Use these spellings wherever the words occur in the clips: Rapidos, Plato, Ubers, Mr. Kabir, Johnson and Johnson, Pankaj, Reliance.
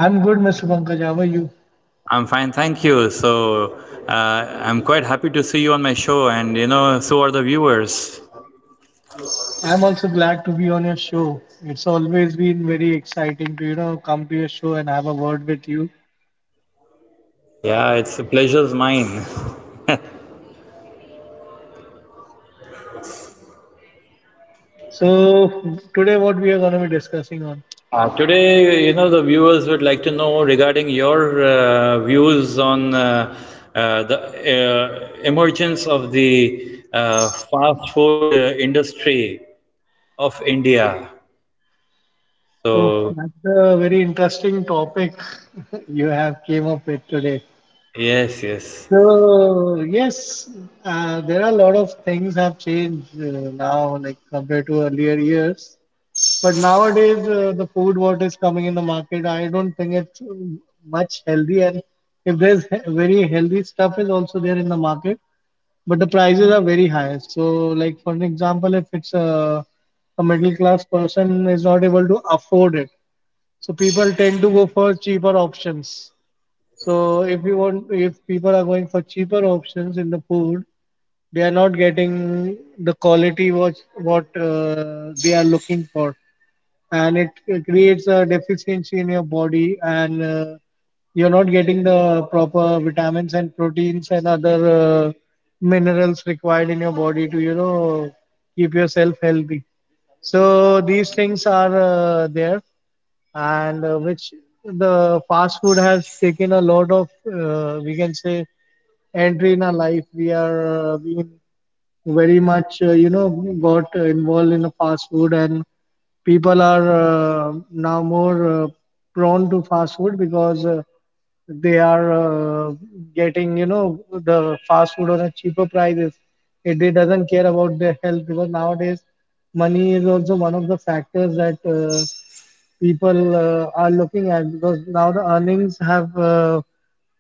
I'm good, Mr. Pankaj. How are you? I'm fine, thank you. So, uh, I'm quite happy to see you on my show, and you know, so are the viewers. I'm also glad to be on your show. It's always been very exciting to, come to your show and have a word with you. Yeah, it's a pleasure's mine. So today what we are going to be discussing on. Today, you know, the viewers would like to know regarding your views on the emergence of the fast food industry of India. Oh, So, that's a very interesting topic you have came up with today. yes, yes. So yes, there are a lot of things have changed now, like compared to earlier years. But nowadays, the food what is coming in the market, I don't think it's much healthy. And if there's very healthy stuff is also there in the market, but the prices are very high. So, like for an example, if it's a middle class person is not able to afford it, so people tend to go for cheaper options. So if you want, if people are going for cheaper options in the food, they are not getting the quality what they are looking for, and it creates a deficiency in your body, and you're not getting the proper vitamins and proteins and other minerals required in your body to keep yourself healthy. So these things are there, and which the fast food has taken a lot of, we can say, entry in our life. We are being very much, got involved in the fast food, and people are now more prone to fast food because they are getting, the fast food on a cheaper prices. It doesn't care about their health because nowadays money is also one of the factors that people are looking at, because now the earnings have uh,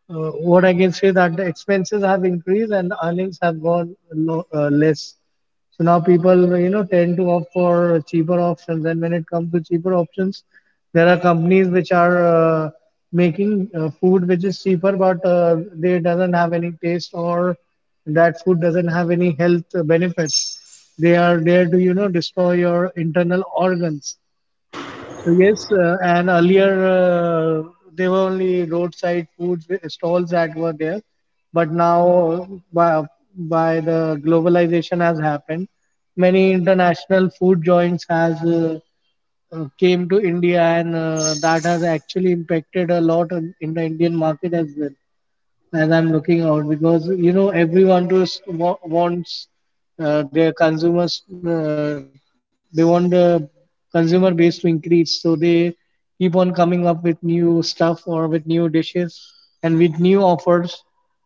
uh, what I can say that the expenses have increased and the earnings have gone low, less. So now people, tend to opt for cheaper options. And when it comes to cheaper options, there are companies which are making food which is cheaper, but they doesn't have any taste, or that food doesn't have any health benefits. They are there to, destroy your internal organs. So yes, and earlier there were only roadside food stalls that were there, but now by, by the globalization has happened, many international food joints has came to India, and that has actually impacted a lot on, in the Indian market as well. As I'm looking out, because you know everyone just wants their consumers, they want the consumer base to increase, so they keep on coming up with new stuff or with new dishes and with new offers,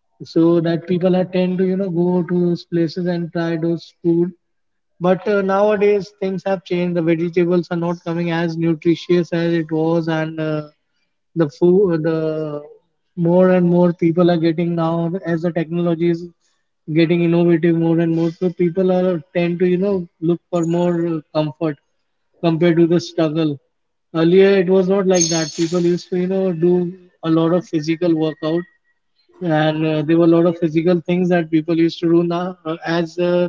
so that people are tend to you know go to those places and try those food. But nowadays things have changed. The vegetables are not coming as nutritious as it was, and the food the more and more people are getting now, as the technology is getting innovative more and more, so people are tend to you know look for more comfort compared to the struggle. Earlier it was not like that. People used to you know do a lot of physical workout, and there were a lot of physical things that people used to do. Now as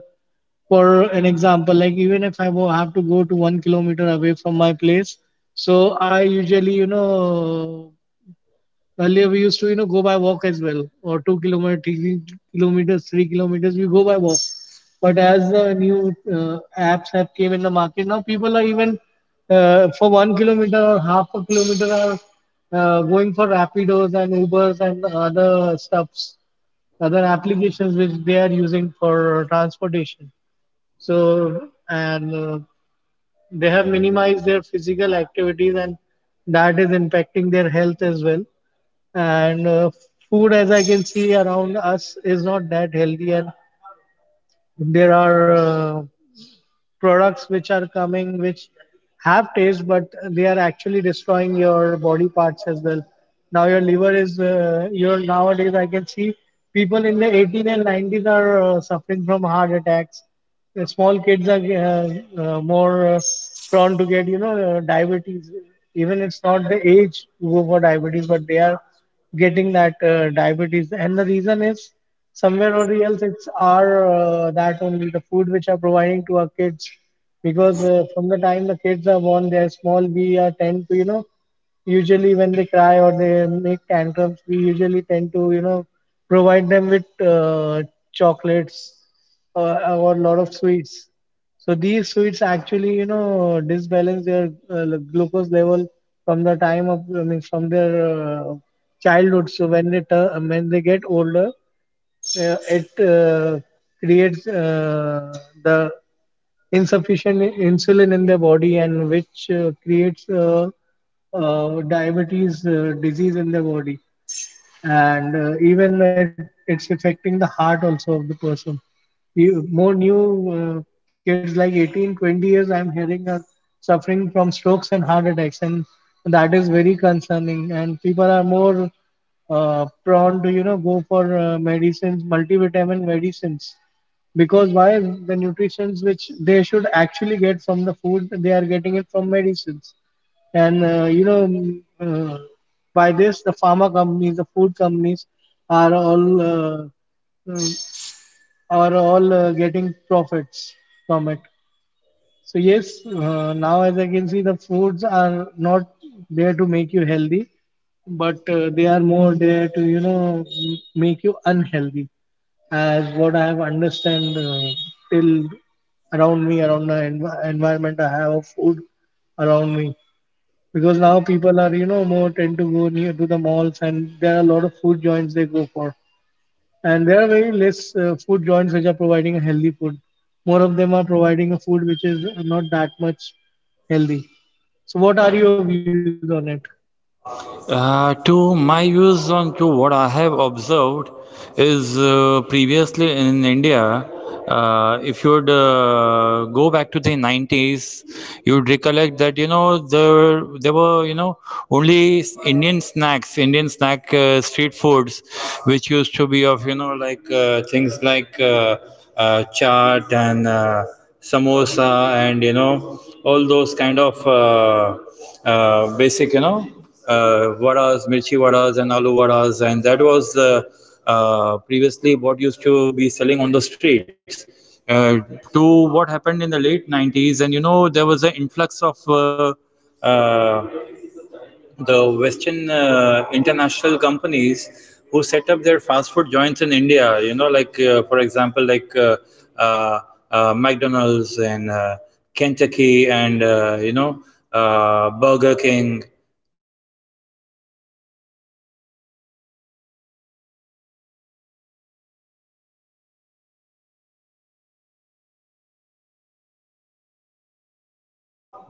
for an example, like even if I have to go to 1 kilometer away from my place, so I usually Earlier we used to, you know, go by walk as well, or two kilometer, three kilometers, 3 kilometers. We go by walk. But as the new apps have came in the market, now people are even for 1 kilometer or half a kilometer are going for Rapidos and Ubers and other stuffs, other applications which they are using for transportation. So and they have minimized their physical activities, and that is impacting their health as well. And food, as I can see around us, is not that healthy, and there are products which are coming, which have taste, but they are actually destroying your body parts as well. Now your liver is your nowadays I can see people in the 18 and 90s are suffering from heart attacks. Small kids are more prone to get diabetes. Even it's not the age to go for diabetes, but they are getting that diabetes, and the reason is somewhere or else it's our that only the food which are providing to our kids. Because from the time the kids are born, they are small, we are tend to you know usually when they cry or they make tantrums, we usually tend to provide them with chocolates, or a lot of sweets. So these sweets actually, you know, disbalance their like, glucose level from the time of, I mean, from their childhood. So when they turn, when they get older, it creates the insufficient insulin in their body, and which creates diabetes disease in their body. And even it's affecting the heart also of the person. More new kids like 18 20 years I'm hearing are suffering from strokes and heart attacks, and that is very concerning. And people are more prone to you know go for medicines, multivitamin medicines, because why the nutritions which they should actually get from the food they are getting it from medicines. And by this, the pharma companies, the food companies, are all mm, are all getting profits from it. So yes, now as I can see, the foods are not there to make you healthy, but they are more there to make you unhealthy, as what I have understand till around me, around the environment I have of food around me. Because now people are you know more tend to go near to the malls, and there are a lot of food joints they go for, and there are very less food joints which are providing a healthy food. More of them are providing a food which is not that much healthy. So what are your views on it? To my views on to what I have observed is previously in India, if you would go back to the 90s, you would recollect that you know there were you know only Indian snacks, Indian snack street foods, which used to be of you know like things like chaat and samosa and you know all those kind of. Basic, you know, vadas, mirchi vadas, and aloo vadas, and that was previously what used to be selling on the streets. Uh, to what happened in the late 90s, and you know, there was an influx of uh, the Western international companies who set up their fast food joints in India. You know, like for example, McDonald's and Kentucky and you know Burger King, and so you know to name a few. And so what they did, these companies, they came to India and looking at the regional taste of the Indians, they started you know modifying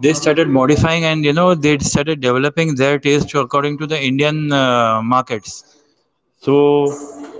they started modifying and you know they started developing their taste according to the Indian markets. So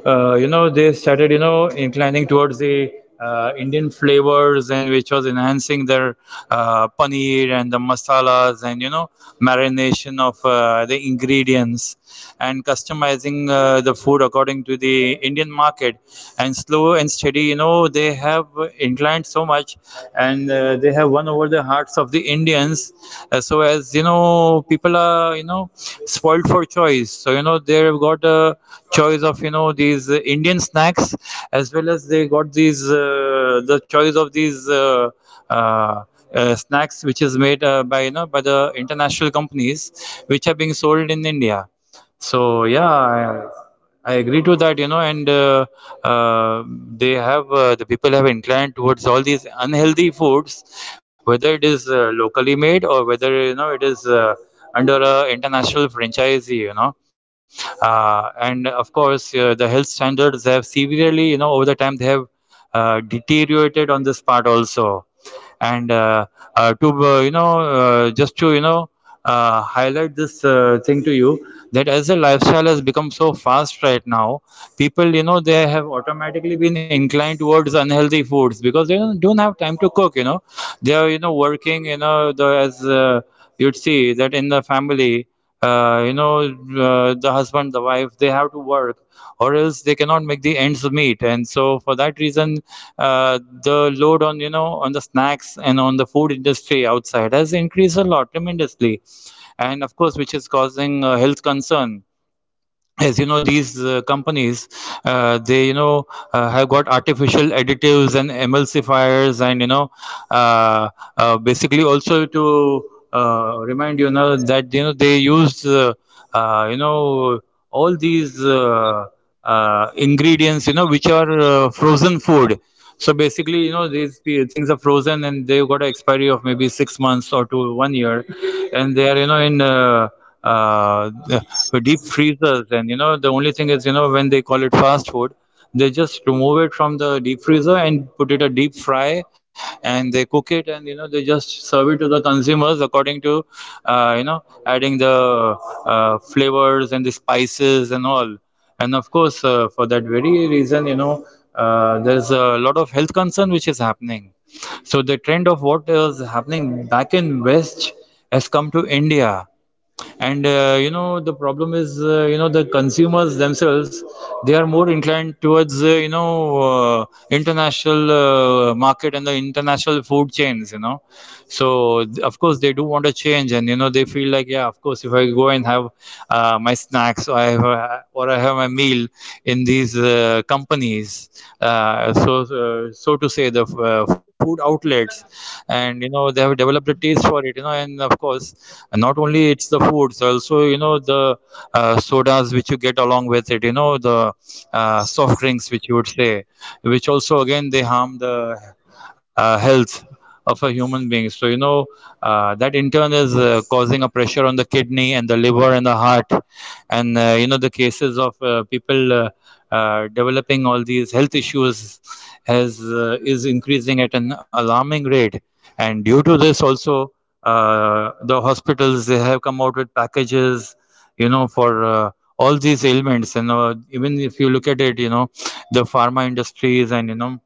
you know they started you know inclining towards the Indian flavors and which was enhancing their paneer and the masalas and you know marination of the ingredients and customizing the food according to the Indian market and slow and steady you know they have inclined so much and they have won over the hearts of the Indians. So as you know, people are you know spoiled for choice. So you know they've got a choice of you know these Indian snacks as well as they got these the choice of these snacks which is made by you know by the international companies which are being sold in India, so yeah, I agree to that you know, and uh, they have the people have inclined towards all these unhealthy foods whether it is locally made or whether you know it is under a international franchisee you know. And of course the health standards have severely you know over the time they have deteriorated on this part also, and to you know just to you know highlight this thing to you that as the lifestyle has become so fast right now people you know they have automatically been inclined towards unhealthy foods because they don't have time to cook you know, they are you know working you know the as you'd see that in the family you know the husband the wife they have to work or else they cannot make the ends meet, and so for that reason the load on you know on the snacks and on the food industry outside has increased a lot tremendously, and of course which is causing health concern as you know these companies they you know have got artificial additives and emulsifiers and you know uh, basically also to remind you now that you know they used you know all these ingredients you know which are frozen food. So basically, you know, these things are frozen and they've got an expiry of maybe 6 months or to one year, and they are, you know, in uh, the deep freezers. And you know, the only thing is, you know, when they call it fast food, they just remove it from the deep freezer and put it a deep fry, and they cook it, and you know, they just serve it to the consumers according to, you know, adding the flavors and the spices and all. And of course for that very reason you know there's a lot of health concern which is happening, so the trend of what is happening back in West has come to India. And you know the problem is you know the consumers themselves, they are more inclined towards you know international market and the international food chains you know, so of course they do want to change and you know they feel like yeah of course if I go and have my snacks, or I have my meal in these companies, so so to say the food outlets, and you know they have developed a taste for it you know. And of course not only it's the foods, also you know the sodas which you get along with it you know, the soft drinks which you would say, which also again they harm the health of a human being. So you know that in turn is causing a pressure on the kidney and the liver and the heart, and you know the cases of people developing all these health issues has is increasing at an alarming rate, and due to this also the hospitals they have come out with packages you know for all these ailments. And even if you look at it you know, the pharma industries and you know,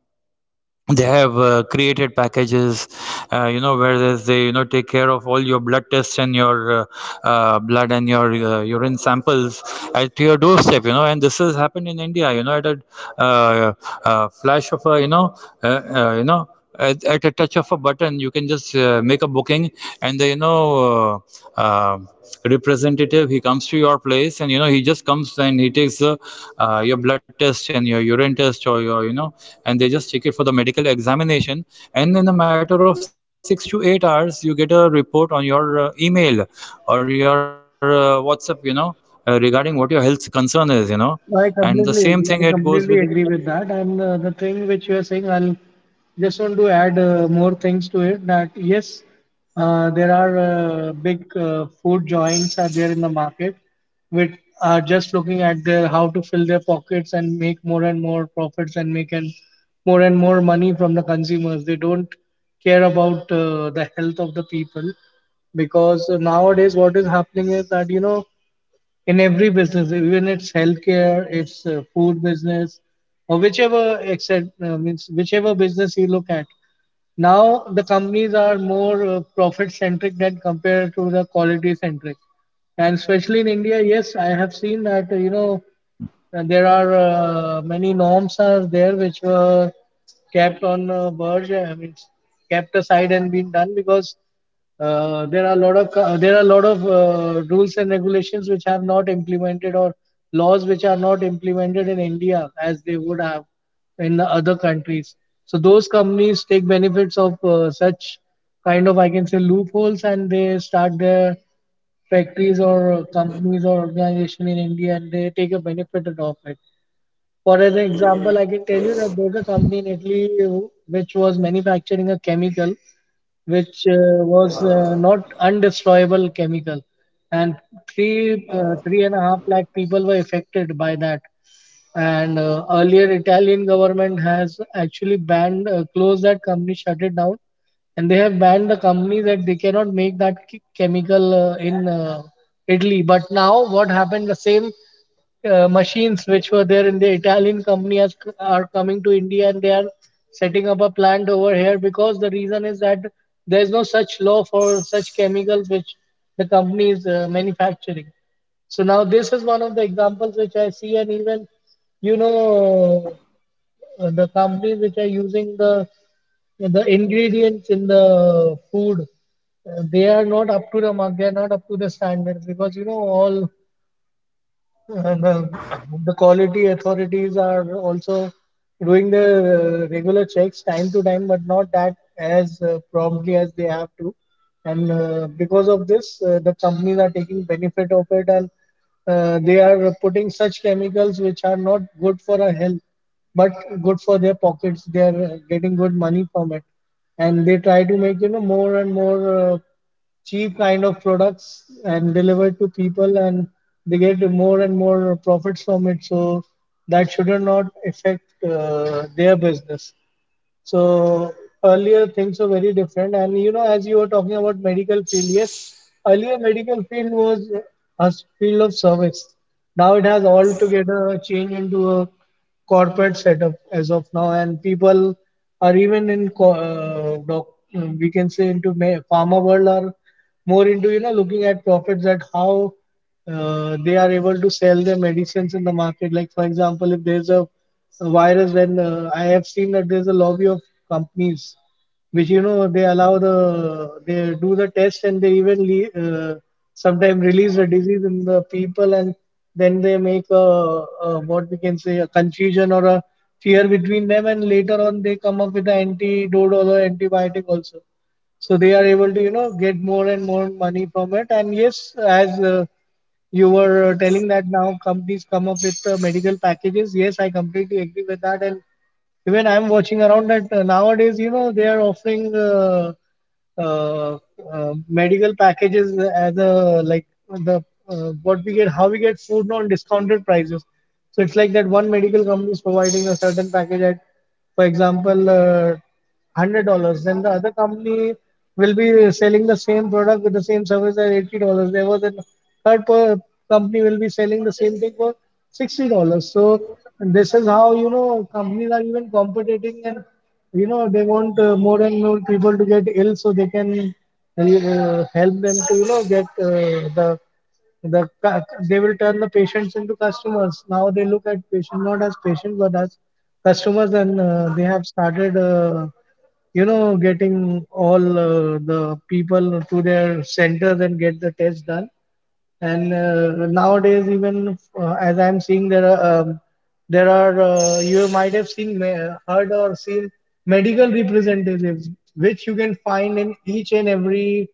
they have created packages you know where there's they you know take care of all your blood tests and your blood and your urine samples at your doorstep you know, and this has happened in India you know at a uh, flash of a you know at a touch of a button you can just make a booking, and the you know uh, uh, representative he comes to your place and you know he just comes and he takes the, your blood test and your urine test or your you know, and they just take it for the medical examination, and in a matter of 6 to 8 hours you get a report on your email or your WhatsApp you know, regarding what your health concern is you know. And the same thing I it goes with, completely, I completely agree with that. And the thing which you are saying, I'll just want to add more things to it. That yes, there are big food joints are there in the market, which are just looking at their how to fill their pockets and make more and more profits and make and more money from the consumers. They don't care about the health of the people, because nowadays what is happening is that you know in every business, even it's healthcare, it's food business, or whichever except means whichever business you look at. Now the companies are more profit centric than compared to the quality centric, and especially in India, yes, I have seen that you know, and there are many norms are there which were kept on verge. I mean, kept aside and been done. Because there are a lot of there are a lot of rules and regulations which are not implemented, or laws which are not implemented in India as they would have in the other countries. So those companies take benefits of such kind of, I can say, loopholes, and they start their factories or companies or organization in India, and they take a benefit out of it. For an example, I can tell you that there's a company in Italy which was manufacturing a chemical which was not undestroyable chemical, and three and a half lakh people were affected by that. And earlier Italian government has actually banned, closed that company, shut it down, and they have banned the company that they cannot make that chemical in Italy. But now what happened, the same machines which were there in the Italian company are coming to India, and they are setting up a plant over here. Because the reason is that there is no such law for such chemicals which the company is manufacturing. So now this is one of the examples which I see, and even you know the companies which are using the ingredients in the food, they are not up to the mark. They are not up to the standards, because you know all and the quality authorities are also doing the regular checks time to time, but not that as promptly as they have to. And Because of this, the companies are taking benefit of it, and they are putting such chemicals which are not good for our health, but good for their pockets. They are getting good money from it, and they try to make more and more. Cheap kind of products and delivered to people, and they get more and more profits from it, so that should not affect their business. So earlier things were very different. And you know, as you were talking about medical field, yes, earlier medical field was a field of service. Now it has altogether changed into a corporate setup as of now, and people are even we can say into pharma world are more into looking at profits at how they are able to sell their medicines in the market. Like for example, if there's a virus, then I have seen that there's a lobby of companies which they allow the they do the test, and they even sometimes release the disease in the people, and then they make a what we can say a confusion or a fear between them, and later on they come up with the antidote or a antibiotic also, so they are able to get more and more money from it. And yes, as you were telling that now companies come up with medical packages. Yes, I completely agree with that. And even I'm watching around that nowadays, you know, they are offering uh, medical packages as a like the what we get, how we get food on discounted prices. So it's like that one medical company is providing a certain package at, for example, $100, then the other company will be selling the same product with the same service at $80. There was a third per company will be selling the same thing for $60. So this is how you know companies are even competing, and you know they want more and more people to get ill, so they can help them to get the they will turn the patients into customers. Now they look at patients not as patients but as customers, and they have started, getting all the people to their centers and get the test done. And nowadays, even as I'm seeing, there are you might have seen, heard or seen medical representatives, which you can find in each and every,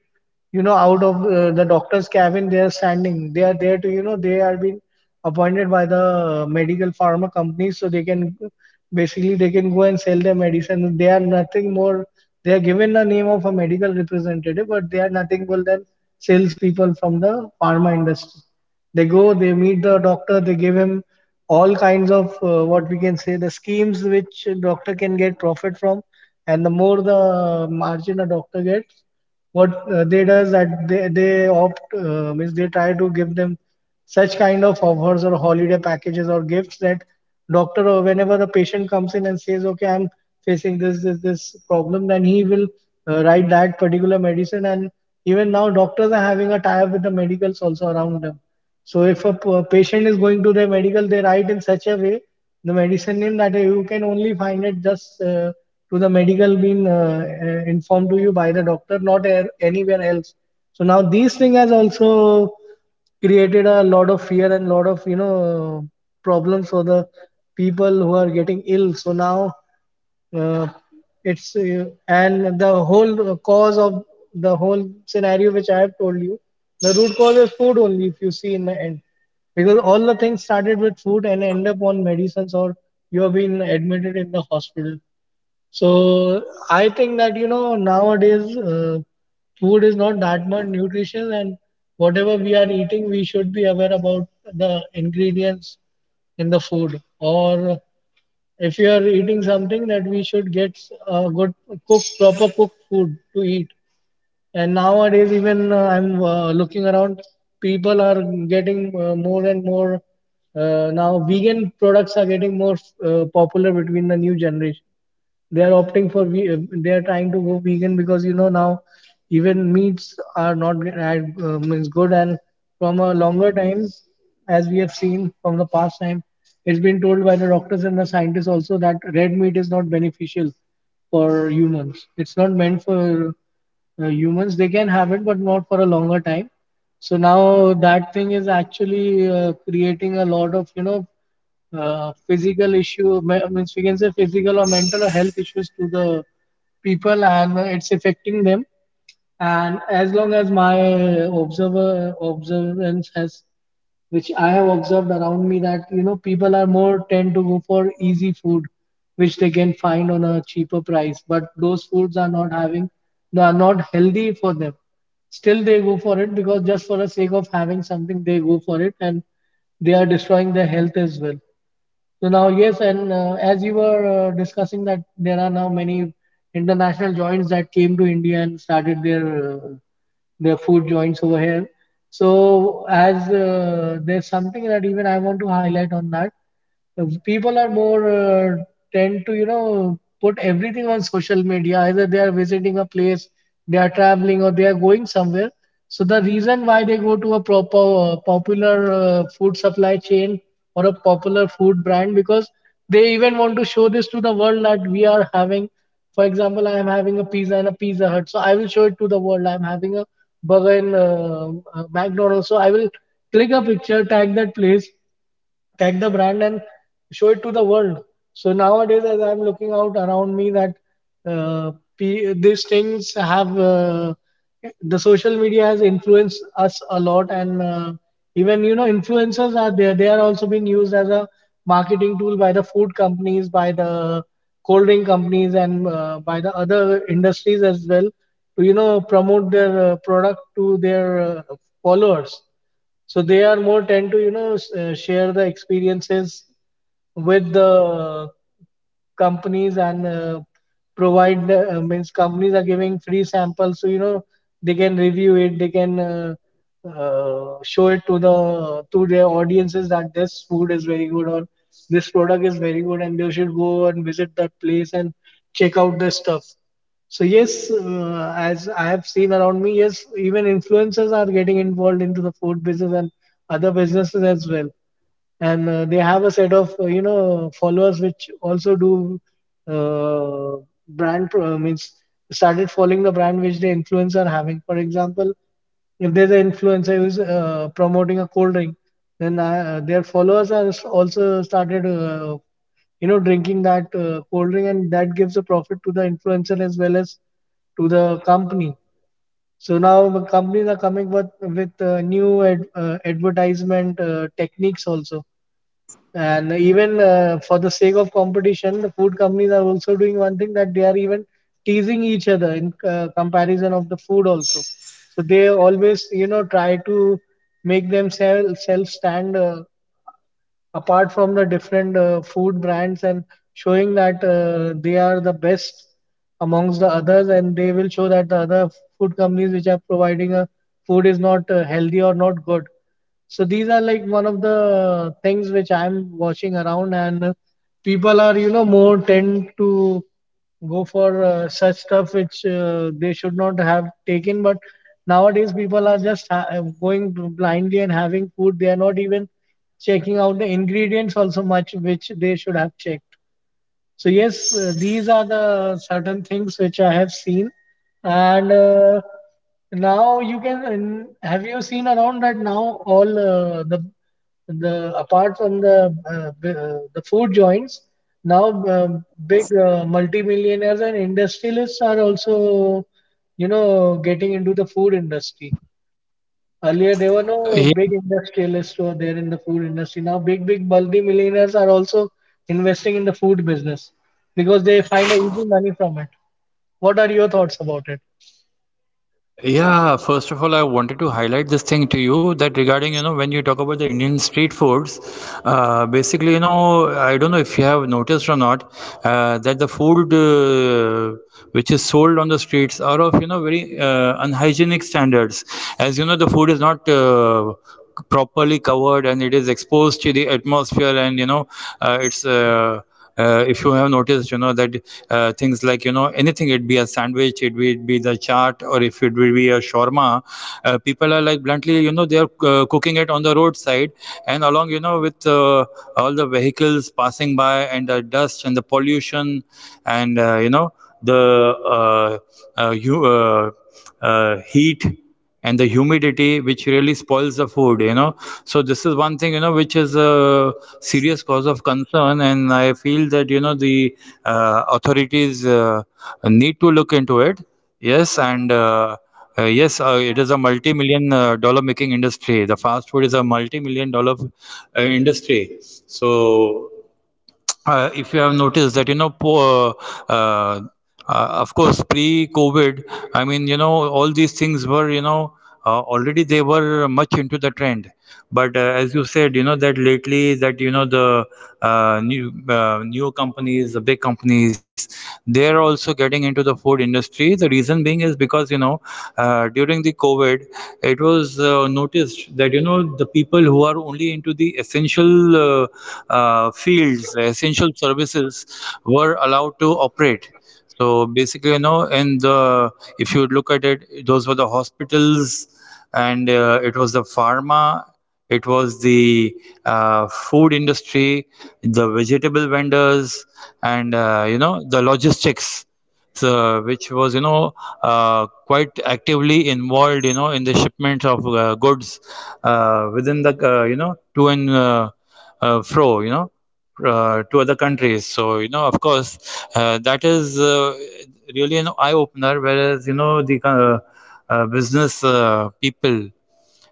you know, out of the doctor's cabin. They are standing, they are there to, you know, they are being appointed by the medical pharma companies so they can basically they can go and sell their medicine. They are nothing more, they are given the name of a medical representative, but they are nothing more than salespeople from the pharma industry. They go, they meet the doctor, they give him all kinds of what we can say the schemes which doctor can get profit from. And the more the margin a doctor gets, what they does that, they opt, means they try to give them such kind of offers or holiday packages or gifts that doctor, or whenever a patient comes in and says, okay, I'm facing this, this, this problem, then he will write that particular medicine. And even now doctors are having a tie up with the medicals also around them. So if a patient is going to the medical, they write in such a way the medicine name that you can only find it just to the medical being informed to you by the doctor, not anywhere else. So now these thing has also created a lot of fear and lot of, you know, problems for the people who are getting ill. So now uh, it's and the whole cause of the whole scenario which I have told you, the root cause is food only. If you see in the end, because all the things started with food and end up on medicines or you have been admitted in the hospital. So I think that you know nowadays food is not that much nutritious, and whatever we are eating, we should be aware about the ingredients in the food. Or if you are eating something, that we should get good cook proper cooked food to eat. And nowadays even I'm looking around, people are getting more and more now vegan products are getting more popular between the new generation. They are opting for they are trying to go vegan because you know now even meats are not means good, and from a longer time, as we have seen from the past time, it's been told by the doctors and the scientists also that red meat is not beneficial for humans. It's not meant for humans, they can have it, but not for a longer time. So now that thing is actually creating a lot of, you know, physical issue means we can say physical or mental or health issues to the people, and it's affecting them. And as long as my observer observance has, which I have observed around me, that you know people are more tend to go for easy food which they can find on a cheaper price, but those foods are not having, they are not healthy for them. Still they go for it, because just for the sake of having something they go for it, and they are destroying their health as well. So now, yes, and as you were discussing that there are now many international joints that came to India and started uh, their food joints over here. So as there's something that even I want to highlight on that, people are more tend to, you know, put everything on social media. Either they are visiting a place, they are traveling, or they are going somewhere, so the reason why they go to a proper popular food supply chain or a popular food brand, because they even want to show this to the world that we are having, for example, I am having a pizza in a Pizza Hut, so I will show it to the world. I am having a burger in McDonald's, so I will click a picture, tag that place, tag the brand, and show it to the world. So nowadays, as I'm looking out around me, that uh, these things have the social media has influenced us a lot. And even you know influencers are there. They are also being used as a marketing tool by the food companies, by the cold drink companies, and by the other industries as well to, you know, promote their product to their followers. So they are more tend to, you know, share the experiences with the companies, and provide means companies are giving free samples, so you know they can review it, they can show it to the to their audiences that this food is very good or this product is very good, and they should go and visit that place and check out this stuff. So yes, as I have seen around me, yes, even influencers are getting involved into the food business and other businesses as well. And they have a set of you know followers which also do uh, means started following the brand which the influencer are having. For example, if there's an influencer who's promoting a cold drink, then their followers are also started drinking that cold drink, and that gives a profit to the influencer as well as to the company. So now the companies are coming with new advertisement techniques also. And even for the sake of competition, the food companies are also doing one thing: that they are even teasing each other in comparison of the food also. So they always try to make themselves self stand apart from the different food brands, and showing that they are the best amongst the others. And they will show that the other food companies which are providing a food is not healthy or not good. So these are like one of the things which I'm watching around. And people are, more tend to go for such stuff which they should not have taken. But nowadays people are just going blindly and having food. They are not even checking out the ingredients also much, which they should have checked. So yes, these are the certain things which I have seen. And now you can and have you seen around that now all the apart from the the food joints, now big multimillionaires and industrialists are also, you know getting into the food industry. Earlier, there were no yeah. big industrialists who were there in the food industry. Now, big, big multi-millionaires are also investing in the food business, because they find a easy money from it. What are your thoughts about it? Yeah, first of all, I wanted to highlight this thing to you that regarding, you know, when you talk about the Indian street foods, basically, you know, I don't know if you have noticed or not, that the food which is sold on the streets are of, you know, very unhygienic standards. As you know, the food is not properly covered and it is exposed to the atmosphere, and you know it's if you have noticed you know that things like you know anything, it be a sandwich, it would be the chaat, or if it will be a shawarma, people are like bluntly you know they are cooking it on the roadside, and along you know with all the vehicles passing by and the dust and the pollution and you know the uh, uh, you, uh, heat and the humidity which really spoils the food you know. So this is one thing you know which is a serious cause of concern, and I feel that you know the authorities need to look into it. Yes, and yes, it is a multi-million dollar making industry. The fast food is a multi-million dollar industry. So if you have noticed that you know uh, of course pre covid I mean you know all these things were you know already they were much into the trend, but as you said, you know that lately that you know the new companies, the big companies, they're also getting into the food industry. The reason being is because you know during the COVID, it was noticed that you know the people who are only into the essential fields, essential services, were allowed to operate. So basically, you know, in the, if you look at it, those were the hospitals, and it was the pharma, it was the food industry, the vegetable vendors, and you know the logistics, so, which was you know quite actively involved you know in the shipment of goods within the you know to and fro you know to other countries. So, you know, of course, that is really an eye opener, whereas, you know, the business people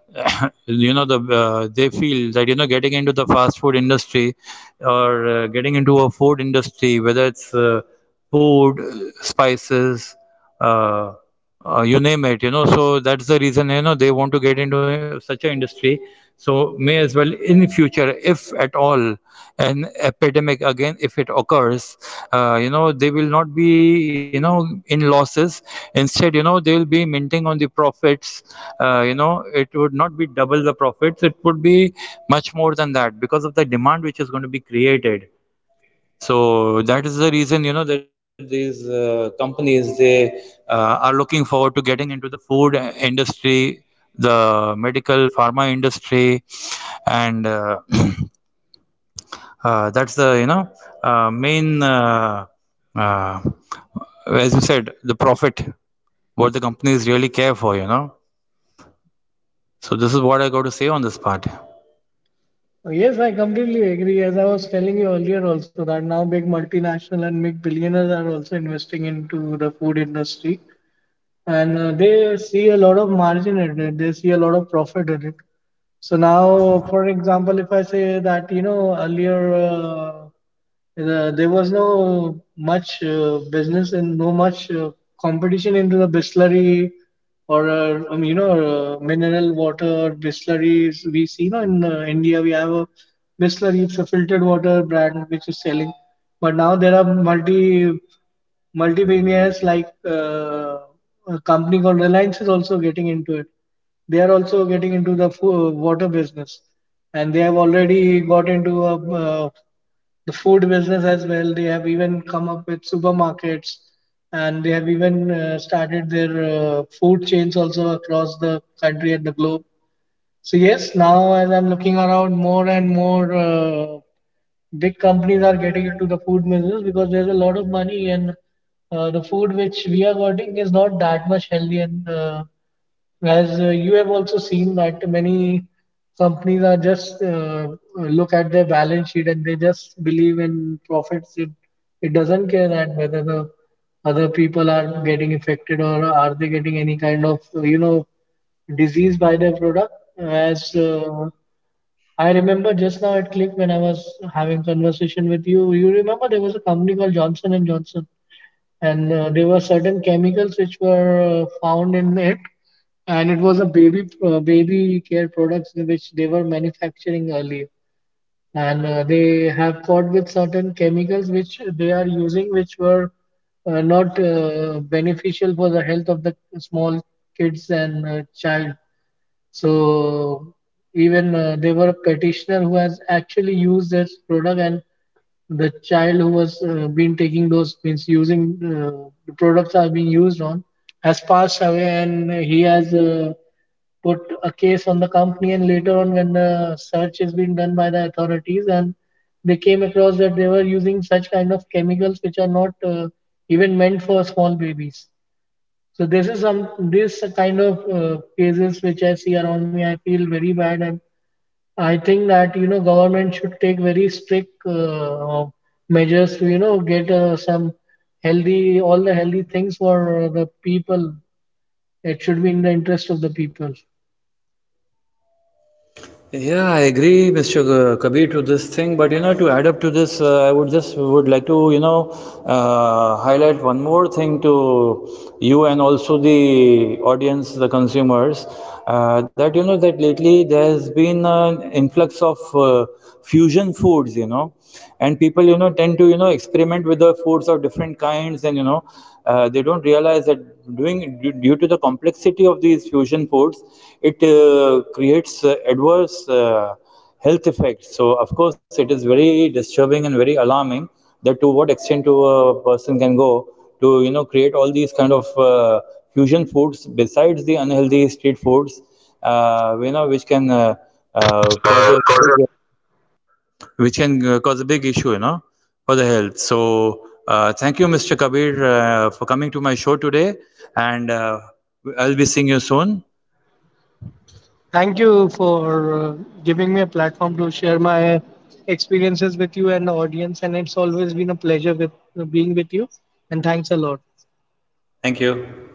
you know the they feel that you know getting into the fast food industry or getting into a food industry whether it's food spices uh, you name it you know, so that's the reason you know they want to get into such an industry, so may as well in future if at all an epidemic again if it occurs, you know they will not be you know in losses, instead you know they will be minting on the profits, you know it would not be double the profits, it would be much more than that because of the demand which is going to be created. So that is the reason you know that these companies they are looking forward to getting into the food industry, the medical pharma industry, and that's the you know main uh, as you said the profit what the companies really care for you know, so this is what I got to say on this part. Yes, I completely agree. As I was telling you earlier also, that now big multinational and big billionaires are also investing into the food industry, and they see a lot of margin in it. They see a lot of profit in it. So now, for example, if I say that, you know, earlier there was no much business and no much competition into the distillery, or you know, mineral water or distilleries, we see, you know, in India, we have a distillery. It's a filtered water brand which is selling. But now there are multi billionaires like, a company called Reliance is also getting into it. They are also getting into the water business, and they have already got into a, uh, the food business as well. They have even come up with supermarkets, and they have even started their food chains also across the country and the globe. So yes, now as I'm looking around, more and more big companies are getting into the food business, because there's a lot of money. And the food which we are getting is not that much healthy. And as you have also seen, that many companies are just look at their balance sheet, and they just believe in profits. It doesn't care that whether the other people are getting affected, or are they getting any kind of, disease by their product. As I remember, just now it clicked when I was having conversation with you. You remember there was a company called Johnson and Johnson, and there were certain chemicals which were found in it, and it was a baby care products which they were manufacturing earlier. And they have fought with certain chemicals which they are using, which were not beneficial for the health of the small kids and child. So even there were a petitioner who has actually used this product, and the child who was been taking those, means using the products are being used on, has passed away. And he has put a case on the company. And later on, when the search has been done by the authorities, and they came across that they were using such kind of chemicals which are not even meant for small babies. So this is some, this kind of cases which I see around me. I feel very bad. And I think that, you know, government should take very strict measures to, you know, get some healthy, all the healthy things for the people. It should be in the interest of the people. Yeah, I agree, Mr. Kabir, to this thing. But you know, to add up to this, I would just would like to you know highlight one more thing to you and also the audience, the consumers, that you know that lately there has been an influx of fusion foods, you know, and people you know tend to you know experiment with the foods of different kinds, and you know they don't realize that doing due, to the complexity of these fusion foods, it creates adverse health effects. So of course, it is very disturbing and very alarming that to what extent to a person can go to you know create all these kind of fusion foods besides the unhealthy street foods, you know, uh, cause a big which can cause a big issue, you know, for the health. So thank you, Mr. Kabir, for coming to my show today, and I'll be seeing you soon. Thank you for giving me a platform to share my experiences with you and the audience. And it's always been a pleasure with being with you. And thanks a lot. Thank you.